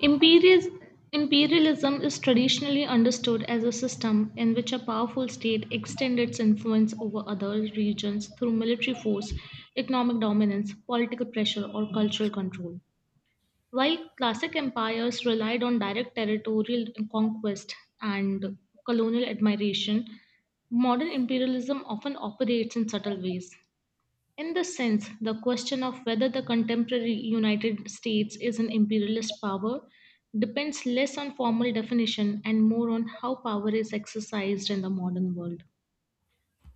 Imperials- Imperialism is traditionally understood as a system in which a powerful state extends its influence over other regions through military force, economic dominance, political pressure, or cultural control. While classic empires relied on direct territorial conquest and colonial admiration, modern imperialism often operates in subtle ways. In this sense, the question of whether the contemporary United States is an imperialist power depends less on formal definition and more on how power is exercised in the modern world.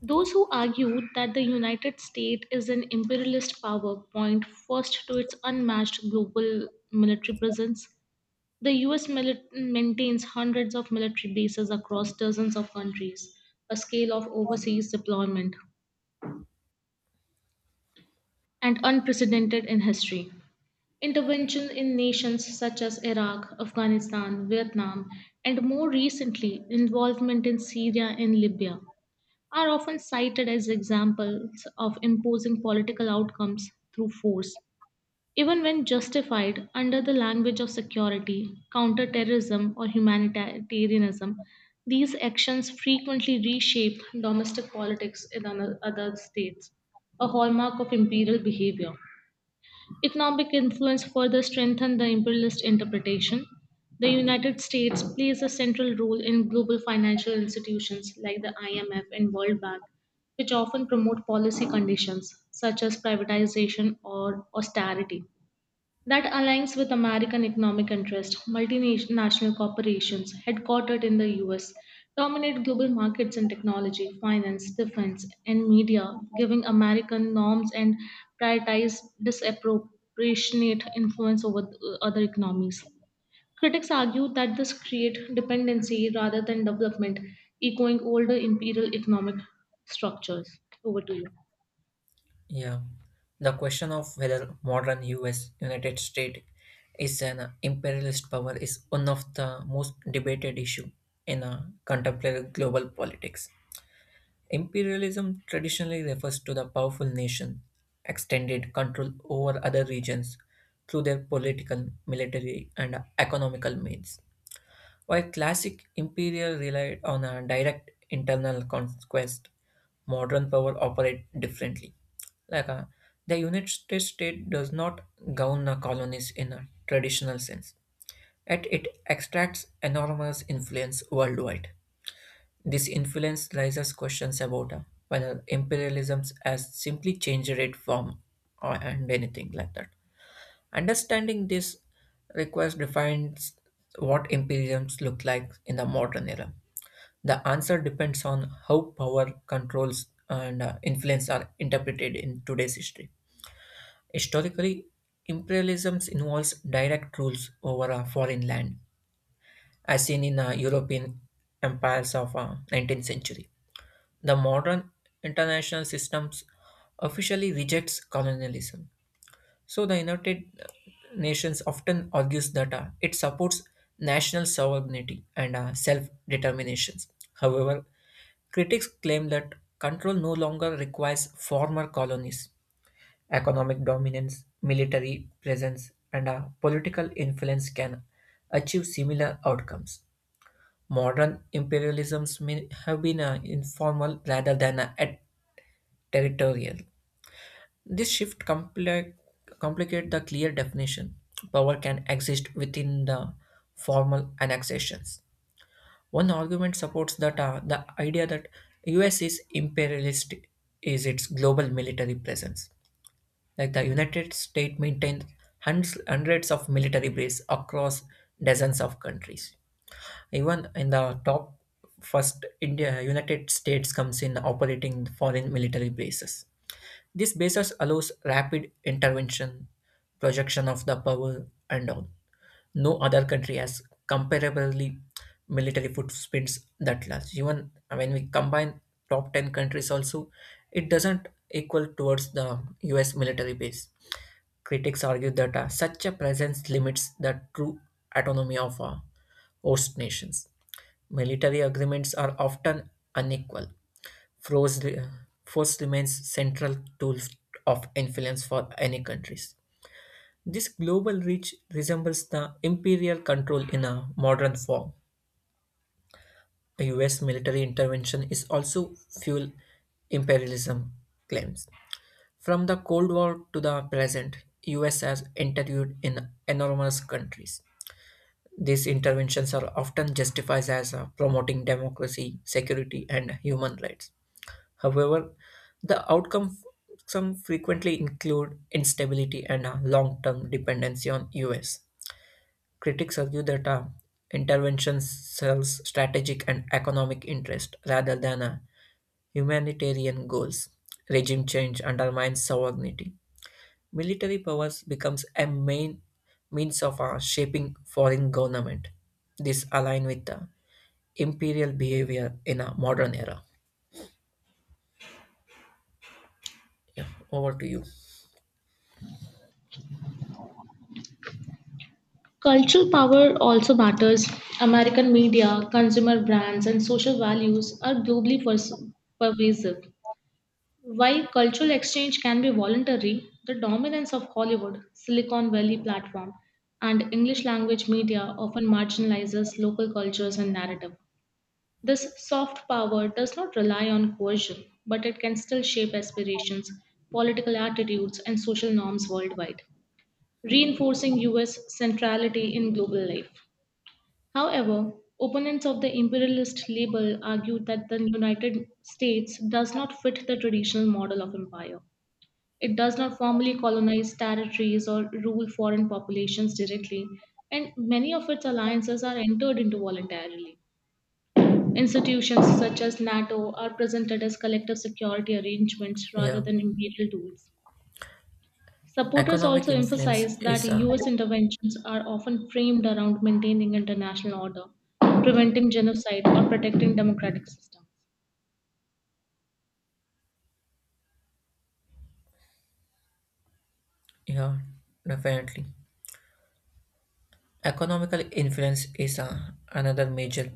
Those who argue that the United States is an imperialist power point first to its unmatched global military presence. The US maintains hundreds of military bases across dozens of countries, a scale of overseas deployment and unprecedented in history. Intervention in nations such as Iraq, Afghanistan, Vietnam, and more recently, involvement in Syria and Libya are often cited as examples of imposing political outcomes through force, even when justified under the language of security, counterterrorism, or humanitarianism. These actions frequently reshape domestic politics in other states, a hallmark of imperial behavior. Economic influence further strengthened the imperialist interpretation. The United States plays a central role in global financial institutions like the IMF and World Bank, which often promote policy conditions such as privatization or austerity. That aligns with American economic interest. Multinational corporations headquartered in the US dominate global markets in technology, finance, defense, and media, giving American norms and prioritize disproportionate influence over other economies. Critics argue that this creates dependency rather than development, echoing older imperial economic structures. Over to you. Yeah, the question of whether modern US United States is an imperialist power is one of the most debated issue in contemporary global politics. Imperialism traditionally refers to the powerful nation extended control over other regions through their political, military, and economical means. While classic imperial relied on a direct internal conquest, modern power operate differently. Like uh, the United States does not govern the colonies in a traditional sense, yet it extracts enormous influence worldwide. This influence raises questions about whether imperialism has simply changed it from or and anything like that. Understanding this request defines what imperiums look like in the modern era. The answer depends on how power controls and influence are interpreted in today's history. Historically, imperialism involves direct rules over a foreign land, as seen in European empires of 19th century. The modern international systems officially rejects colonialism, so the United Nations often argues that it supports national sovereignty and self determinations. However, critics claim that control no longer requires former colonies. Economic dominance, military presence, and political influence can achieve similar outcomes. Modern imperialisms may have been informal rather than territorial. This complicate the clear definition. Power can exist within the formal annexations. One argument supports that the idea that US is imperialist is its global military presence. Like the United States maintains hundreds of military bases across dozens of countries. Even in the top first, India United States comes in operating foreign military bases. This basis allows rapid intervention, projection of the power, and all. No other country has comparably military footprints that large. Even when we combine top 10 countries also, it doesn't equal towards the US military base. Critics argue that such a presence limits the true autonomy of host nations. Military agreements are often unequal. Force, re- Force remains central tool of influence for any countries. This global reach resembles the imperial control in a modern form. The US military intervention is also fuel imperialism claims. From the Cold War to the present, US has interviewed in enormous countries. These interventions are often justified as promoting democracy, security, and human rights. However, the outcome some frequently include instability and a long-term dependency on US. Critics argue that intervention serves strategic and economic interest rather than humanitarian goals. Regime change undermines sovereignty. Military powers becomes a main means of shaping foreign government. This align with the imperial behavior in a modern era. Yeah, over to you. Cultural power also matters. American media, consumer brands, and social values are globally pervasive. While cultural exchange can be voluntary, the dominance of Hollywood, Silicon Valley platform, and English language media often marginalizes local cultures and narrative. This soft power does not rely on coercion, but it can still shape aspirations, political attitudes, and social norms worldwide, reinforcing US centrality in global life. However, opponents of the imperialist label argued that the United States does not fit the traditional model of empire. It does not formally colonize territories or rule foreign populations directly, and many of its alliances are entered into voluntarily. Institutions such as NATO are presented as collective security arrangements rather Yeah. than imperial tools. Supporters Economic also influence emphasize that is a, US interventions are often framed around maintaining international order, preventing genocide, or protecting democratic systems. yeah, definitely. Economical influence is a, another major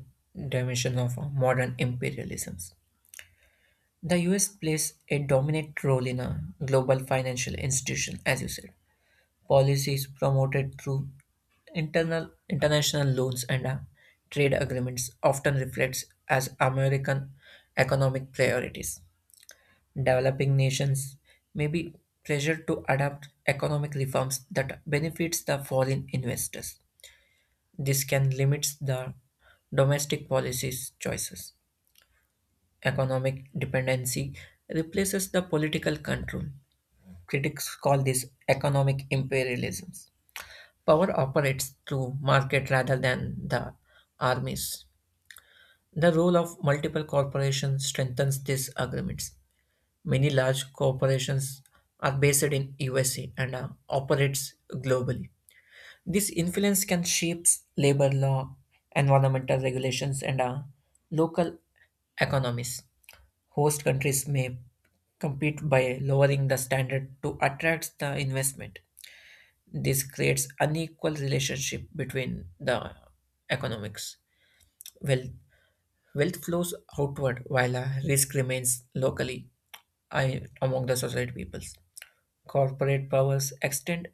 dimension of modern imperialisms. The U.S. plays a dominant role in a global financial institution, as you said. Policy is promoted through internal international loans and trade agreements, often reflects as American economic priorities. Developing nations may be pressured to adopt economic reforms that benefits the foreign investors. This can limit the domestic policies choices. Economic dependency replaces the political control. Critics call this economic imperialism. Power operates through market rather than the armies. The role of multiple corporations strengthens these agreements. Many large corporations are based in USA and operates globally. This influence can shape labor law, environmental regulations, and local economies. Host countries may compete by lowering the standard to attract the investment. This creates unequal relationship between the economics. Wealth, wealth flows outward while risk remains locally I, among the society peoples. Corporate powers extend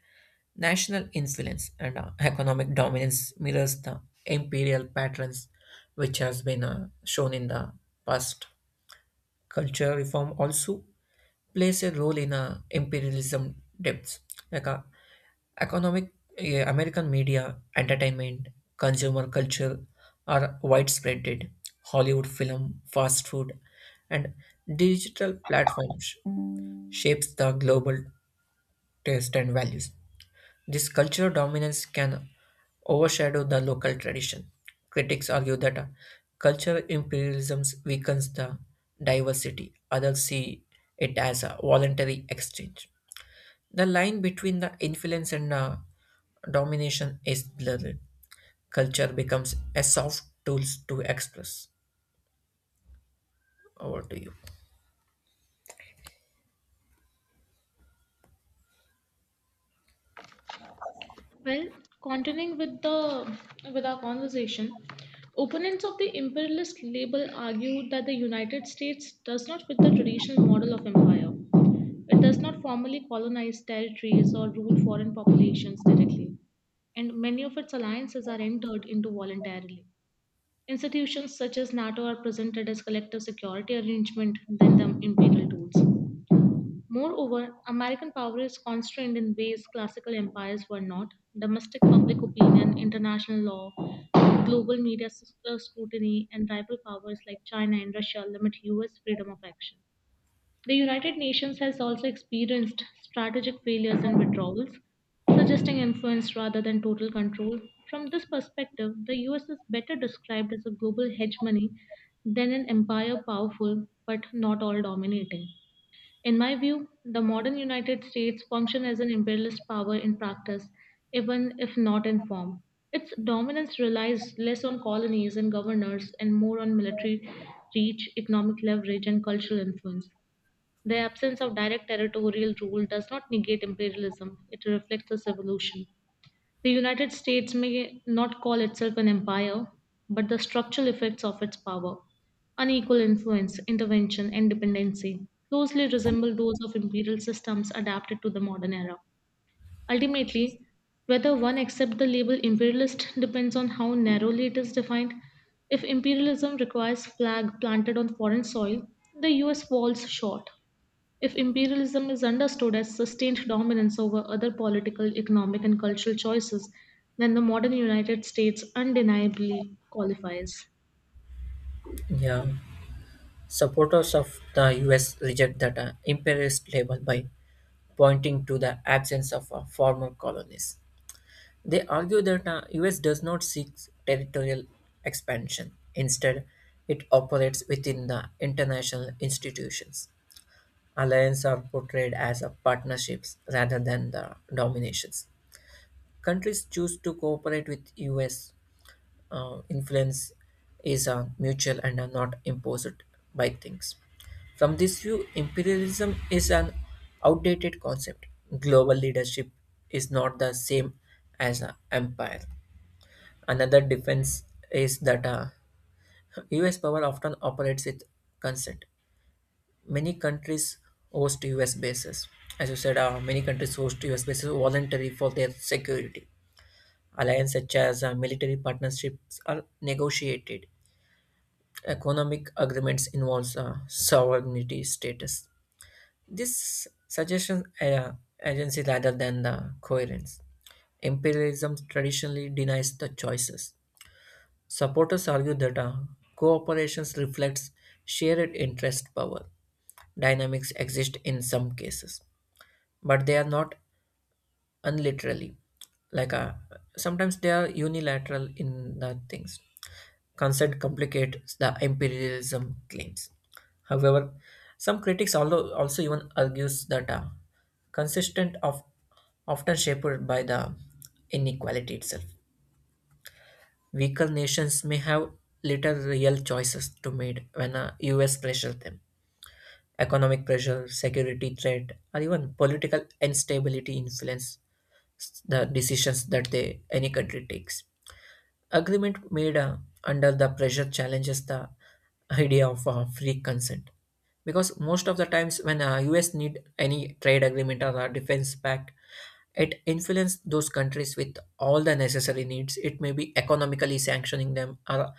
national influence, and economic dominance mirrors the imperial patterns which has been shown in the past. Culture reform also plays a role in imperialism depths. Like economic American media, entertainment, consumer culture are widespread. Hollywood film, fast food, and digital platforms shapes the global taste and values. This cultural dominance can overshadow the local tradition. Critics argue that cultural imperialism weakens the diversity. Others see it as a voluntary exchange. The line between the influence and domination is blurred. Culture becomes a soft tool to express. Over to you. Well, continuing with the with our conversation, opponents of the imperialist label argue that the United States does not fit the traditional model of empire. It does not formally colonize territories or rule foreign populations directly, and many of its alliances are entered into voluntarily. Institutions such as NATO are presented as collective security arrangement than the imperial tools. Moreover, American power is constrained in ways classical empires were not. Domestic public opinion, international law, global media scrutiny, and rival powers like China and Russia limit US freedom of action. The United Nations has also experienced strategic failures and withdrawals, suggesting influence rather than total control. From this perspective, the US is better described as a global hegemony than an empire powerful but not all dominating. In my view, the modern United States function as an imperialist power in practice, even if not in form. Its dominance relies less on colonies and governors and more on military reach, economic leverage, and cultural influence. The absence of direct territorial rule does not negate imperialism, it reflects its evolution. The United States may not call itself an empire, but the structural effects of its power, unequal influence, intervention, and dependency, closely resemble those of imperial systems adapted to the modern era. Ultimately, whether one accepts the label imperialist depends on how narrowly it is defined. If imperialism requires flag planted on foreign soil, the US falls short. If imperialism is understood as sustained dominance over other political, economic, and cultural choices, then the modern United States undeniably qualifies. Yeah, supporters of the US reject that imperialist label by pointing to the absence of former colonies. They argue that the US does not seek territorial expansion. Instead, it operates within the international institutions. Alliances are portrayed as a partnerships rather than the dominations. Countries choose to cooperate with US. Influence is mutual and are not imposed by things. From this view, imperialism is an outdated concept. Global leadership is not the same as an empire. Another difference is that US power often operates with consent. Many countries host US bases. As you said, many countries host US bases voluntarily for their security. Alliances such as military partnerships are negotiated. Economic agreements involves sovereignty status. This suggestion agency rather than the coherence. Imperialism traditionally denies the choices. Supporters argue that cooperation reflects shared interest power. Dynamics exist in some cases, but they are not unliterally. Like uh, sometimes they are unilateral in the things. Consent complicates the imperialism claims. However, some critics also even argues that consistent of often shaped by the inequality itself. Weaker nations may have little real choices to made when the US pressures them. Economic pressure, security threat, or even political instability influence the decisions that they, any country takes. Agreement made under the pressure challenges the idea of free consent. Because most of the times when US need any trade agreement or a defense pact, it influences those countries with all the necessary needs. It may be economically sanctioning them or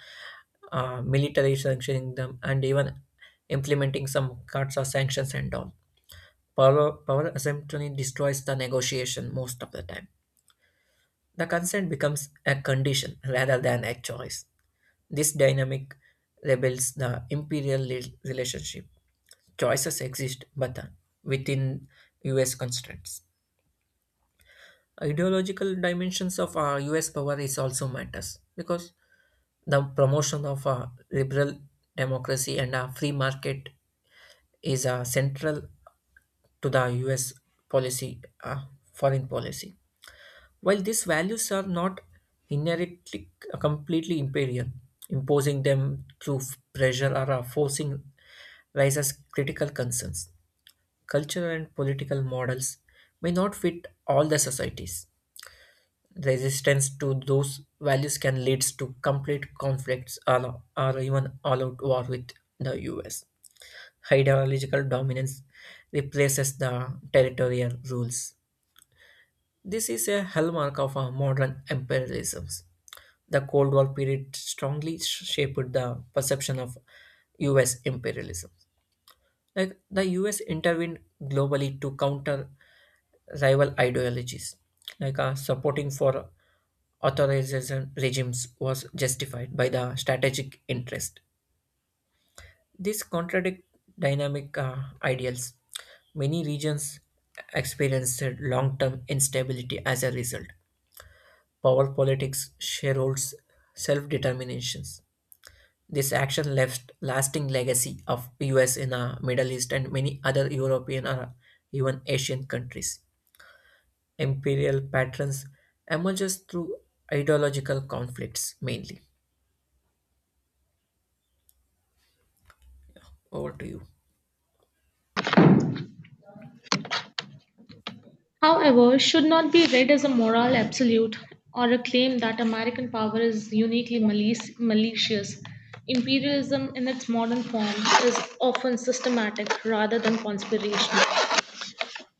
military sanctioning them and even implementing some cuts or sanctions and all. Power assumption destroys the negotiation most of the time. The consent becomes a condition rather than a choice. This dynamic rebels the imperial relationship. Choices exist, but within US constraints. Ideological dimensions of US power is also matters because the promotion of liberal democracy and a free market is central to the US policy, uh, foreign policy. While these values are not inherently completely imperial, imposing them through pressure or forcing raises critical concerns. Cultural and political models may not fit all the societies. Resistance to those values can lead to complete conflicts or even all out war with the US. Ideological dominance replaces the territorial rules. This is a hallmark of our modern imperialism. The Cold War period strongly shaped the perception of US imperialism. Like the US intervened globally to counter rival ideologies. Supporting for authoritarian regimes was justified by the strategic interest. This contradict dynamic ideals. Many regions experienced long-term instability as a result power politics, shareholds, self determinations. This action left lasting legacy of US in the Middle East and many other European or even Asian countries. Imperial patterns emerges through ideological conflicts mainly. Over to you. However, should not be read as a moral absolute or a claim that American power is uniquely malicious. Imperialism in its modern form is often systematic rather than conspirational.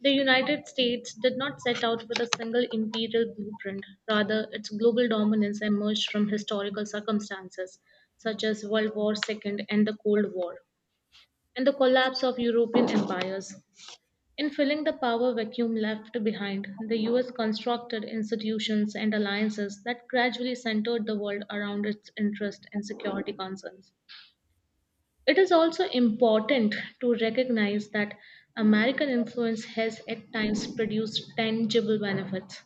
The United States did not set out with a single imperial blueprint. Rather, its global dominance emerged from historical circumstances such as World War II and the Cold War, and the collapse of European empires. In filling the power vacuum left behind, the US constructed institutions and alliances that gradually centered the world around its interests and security concerns. It is also important to recognize that American influence has at times produced tangible benefits.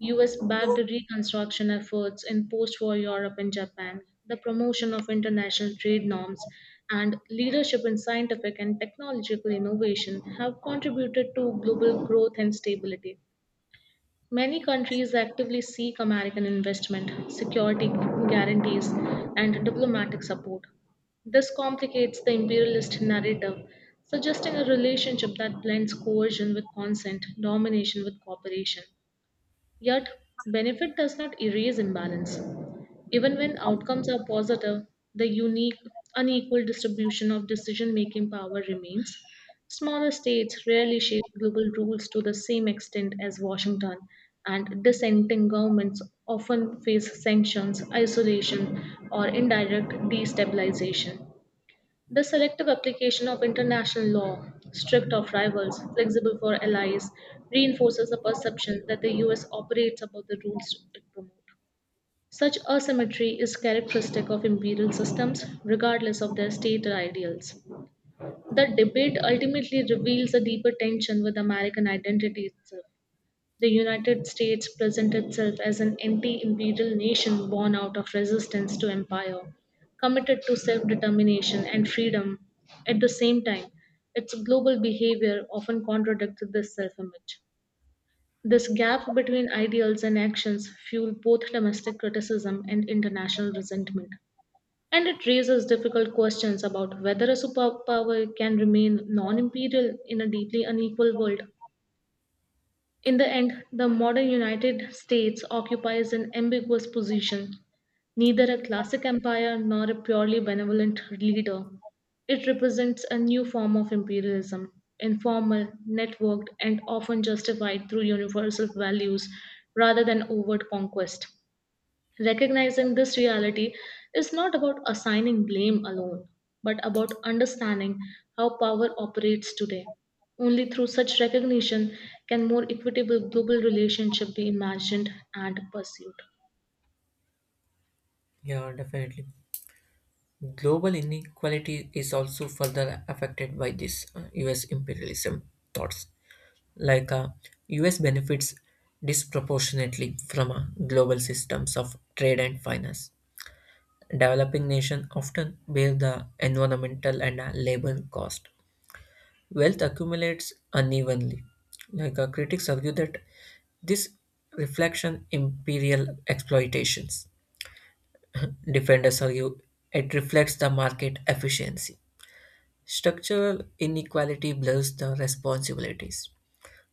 US backed reconstruction efforts in post war Europe and Japan, the promotion of international trade norms, and leadership in scientific and technological innovation have contributed to global growth and stability. Many countries actively seek American investment, security guarantees, and diplomatic support. This complicates the imperialist narrative, suggesting a relationship that blends coercion with consent, domination with cooperation. Yet, benefit does not erase imbalance. Even when outcomes are positive, the unique, unequal distribution of decision making power remains. Smaller states rarely shape global rules to the same extent as Washington, and dissenting governments often face sanctions, isolation, or indirect destabilization. The selective application of international law, strict of rivals, flexible for allies, reinforces the perception that the US operates above the rules it promotes. Such asymmetry is characteristic of imperial systems, regardless of their state ideals. The debate ultimately reveals a deeper tension with American identity itself. The United States presents itself as an anti imperial nation born out of resistance to empire, committed to self determination and freedom. At the same time, its global behavior often contradicts this self image. This gap between ideals and actions fuel both domestic criticism and international resentment. And it raises difficult questions about whether a superpower can remain non imperial in a deeply unequal world. In the end, the modern United States occupies an ambiguous position, neither a classic empire nor a purely benevolent leader. It represents a new form of imperialism, informal, networked, and often justified through universal values rather than overt conquest. Recognizing this reality is not about assigning blame alone, but about understanding how power operates today. Only through such recognition can more equitable global relationship be imagined and pursued. Yeah, definitely. Global inequality is also further affected by this US imperialism thoughts. Like uh, US benefits disproportionately from global systems of trade and finance. Developing nations often bear the environmental and labor cost. Wealth accumulates unevenly. Critics argue that this reflection imperial exploitations. Defenders argue it reflects the market efficiency. Structural inequality blurs the responsibilities.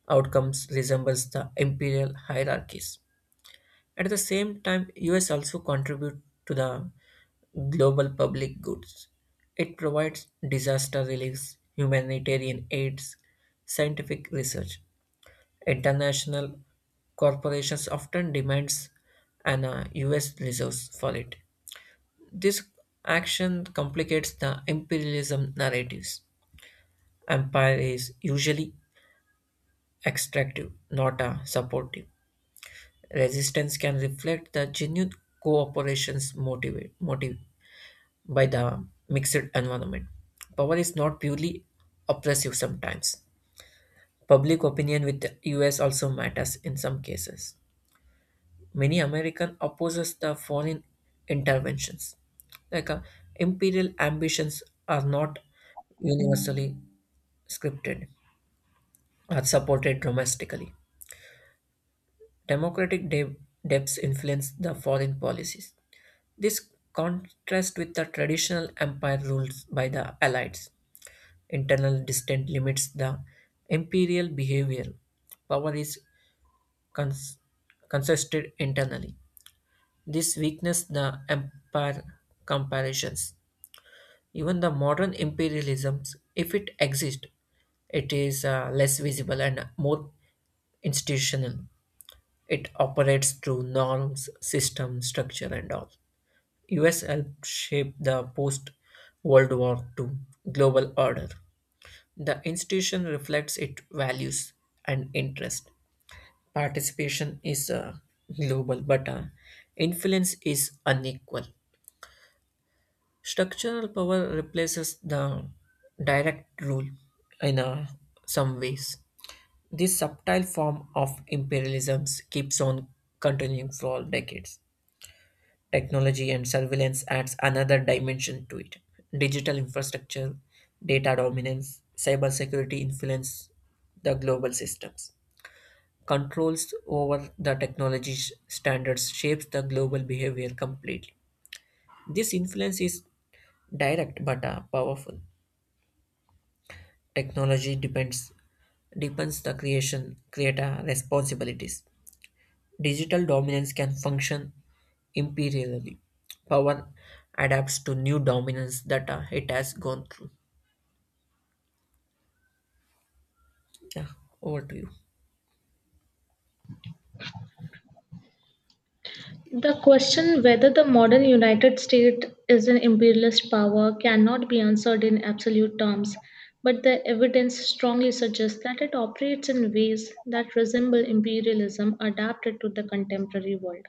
Outcomes resembles the imperial hierarchies. At the same time, US also contribute to the global public goods. It provides disaster reliefs, humanitarian aids, scientific research. International corporations often demands an US resource for it. This action complicates the imperialism narratives. Empire is usually extractive, not a supportive. Resistance can reflect the genuine cooperation's motive by the mixed environment. Power is not purely oppressive sometimes. Public opinion with the US also matters in some cases. Many American opposes the foreign interventions. Like uh, imperial ambitions are not universally scripted or supported domestically. Democratic debts influenced the foreign policies. This contrasts with the traditional empire rules by the Allies. Internal distance limits the imperial behavior. Power is cons- consisted internally. This weakness the empire comparisons. Even the modern imperialisms, if it exists, it is less visible and more institutional. It operates through norms, system, structure, and all. US helped shape the post-World War II global order. The institution reflects its values and interest. Participation is global, but influence is unequal. Structural power replaces the direct rule in some ways. This subtle form of imperialism keeps on continuing for decades. Technology and surveillance adds another dimension to it. Digital infrastructure, data dominance, cybersecurity influence the global systems. Controls over the technology standards shapes the global behavior completely. This influence is direct but powerful. Technology depends depends the creation creator responsibilities. Digital dominance can function imperially. Power adapts to new dominance that it has gone through. Yeah, over to you. The question whether the modern United States is an imperialist power cannot be answered in absolute terms, but the evidence strongly suggests that it operates in ways that resemble imperialism adapted to the contemporary world.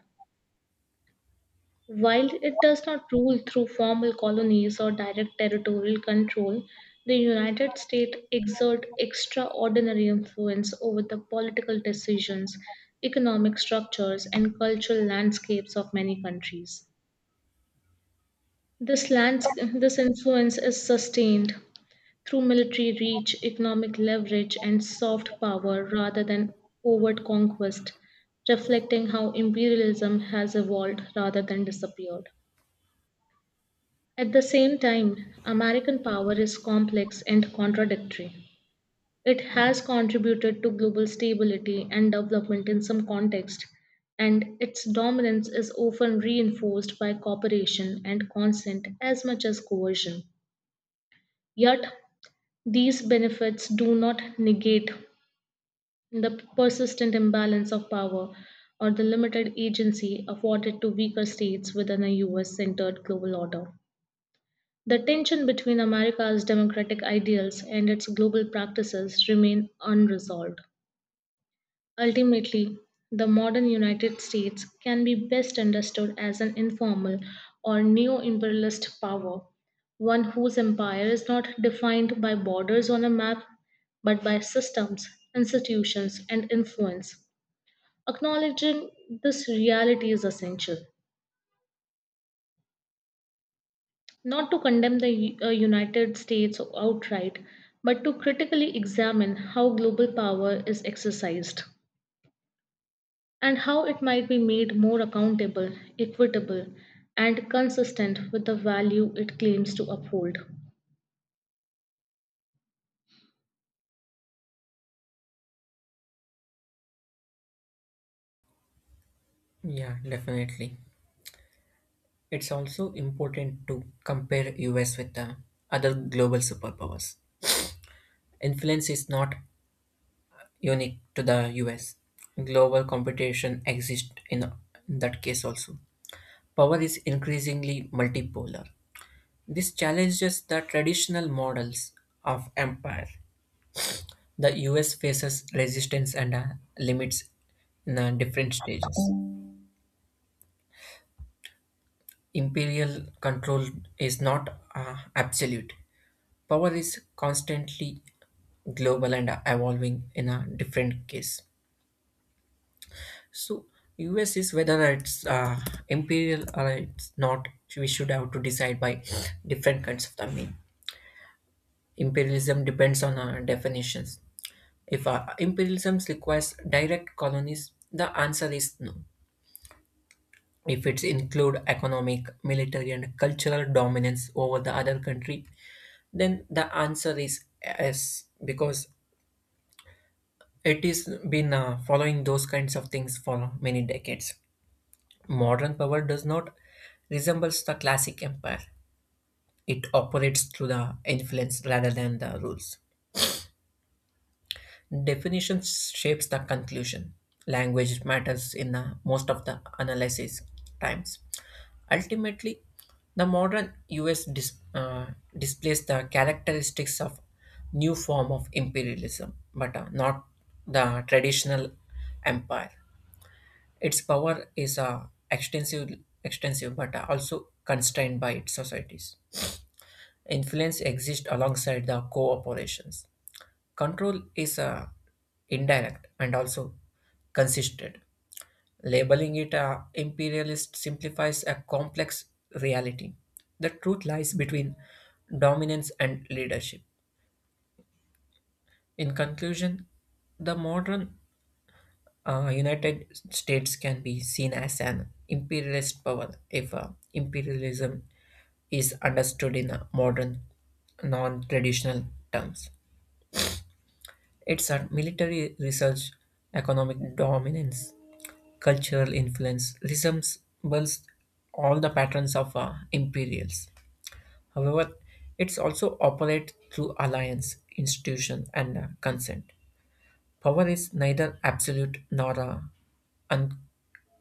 While it does not rule through formal colonies or direct territorial control, the United States exert extraordinary influence over the political decisions, economic structures, and cultural landscapes of many countries. This, this influence is sustained through military reach, economic leverage, and soft power rather than overt conquest, reflecting how imperialism has evolved rather than disappeared. At the same time, American power is complex and contradictory. It has contributed to global stability and development in some contexts, and its dominance is often reinforced by cooperation and consent as much as coercion. Yet, these benefits do not negate the persistent imbalance of power or the limited agency afforded to weaker states within a US centered global order. The tension between America's democratic ideals and its global practices remain unresolved. Ultimately, the modern United States can be best understood as an informal or neo-imperialist power, one whose empire is not defined by borders on a map, but by systems, institutions, and influence. Acknowledging this reality is essential. Not to condemn the United States outright, but to critically examine how global power is exercised and how it might be made more accountable, equitable, and consistent with the value it claims to uphold. Yeah, definitely. It's also important to compare US with the other global superpowers. Influence is not unique to the US. Global competition exists in that case also. Power is increasingly multipolar. This challenges the traditional models of empire. The US faces resistance and limits in different stages. Imperial control is not absolute. Power is constantly global and evolving in a different case. So US is whether it's imperial or it's not. We should have to decide by different kinds of the mean. Imperialism depends on our definitions. If imperialism requires direct colonies, the answer is no. If effects include economic, military, and cultural dominance over the other country, then the answer is yes, because it has been following those kinds of things for many decades. Modern power does not resembles the classic empire. It operates through the influence rather than the rules. Definition shapes the conclusion. Language matters in the most of the analysis times. Ultimately, the modern US displays the characteristics of new form of imperialism, but not the traditional empire. Its power is extensive, but also constrained by its societies. Influence exists alongside the cooperations. Control is indirect and also consistent. Labeling it imperialist simplifies a complex reality. The truth lies between dominance and leadership. In conclusion, the modern United States can be seen as an imperialist power if imperialism is understood in modern, non traditional terms. It's at military research, economic dominance, cultural influence, resembles all the patterns of imperials. However, it's also operates through alliance, institution, and consent. Power is neither absolute nor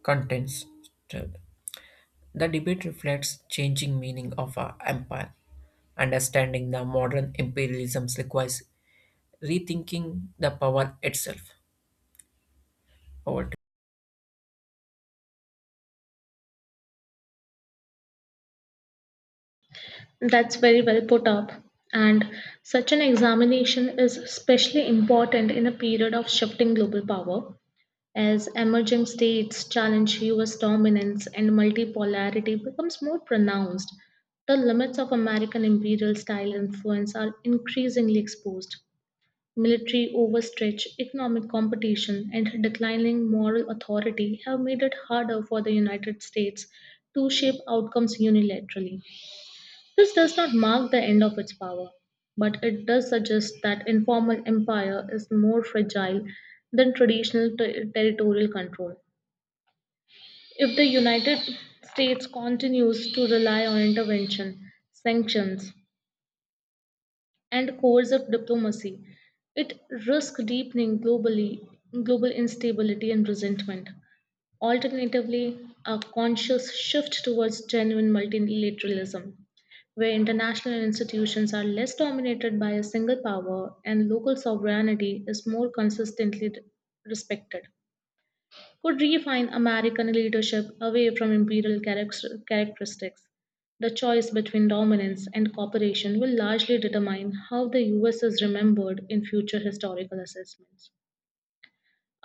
uncontested. The debate reflects changing meaning of our empire. Understanding the modern imperialism requires rethinking the power itself. Over to That's very well put up. And such an examination is especially important in a period of shifting global power. As emerging states challenge US dominance and multipolarity becomes more pronounced, the limits of American imperial style influence are increasingly exposed. Military overstretch, economic competition, and declining moral authority have made it harder for the United States to shape outcomes unilaterally. This does not mark the end of its power, but it does suggest that informal empire is more fragile than traditional territorial control. If the United States continues to rely on intervention, sanctions, and coercive diplomacy, it risks deepening globally, global instability and resentment. Alternatively, a conscious shift towards genuine multilateralism, where international institutions are less dominated by a single power and local sovereignty is more consistently respected could refine American leadership away from imperial characteristics. The choice between dominance and cooperation will largely determine how the US is remembered in future historical assessments.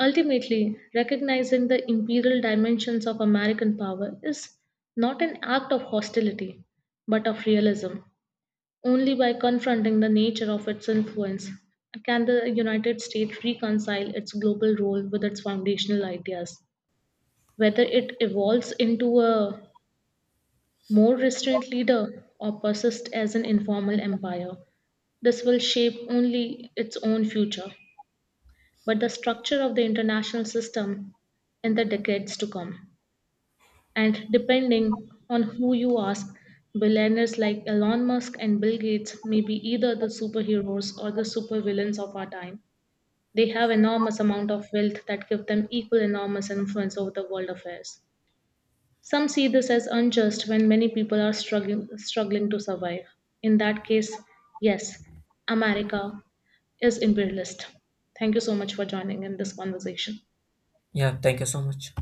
Ultimately, recognizing the imperial dimensions of American power is not an act of hostility, but of realism. Only by confronting the nature of its influence can the United States reconcile its global role with its foundational ideas. Whether it evolves into a more restrained leader or persists as an informal empire, this will shape only its own future, but the structure of the international system in the decades to come. And depending on who you ask, billionaires like Elon Musk and Bill Gates may be either the superheroes or the supervillains of our time. They have enormous amount of wealth that give them equal enormous influence over the world affairs. Some see this as unjust when many people are struggling to survive. In that case, yes, America is imperialist. Thank you so much for joining in this conversation. yeah, thank you so much.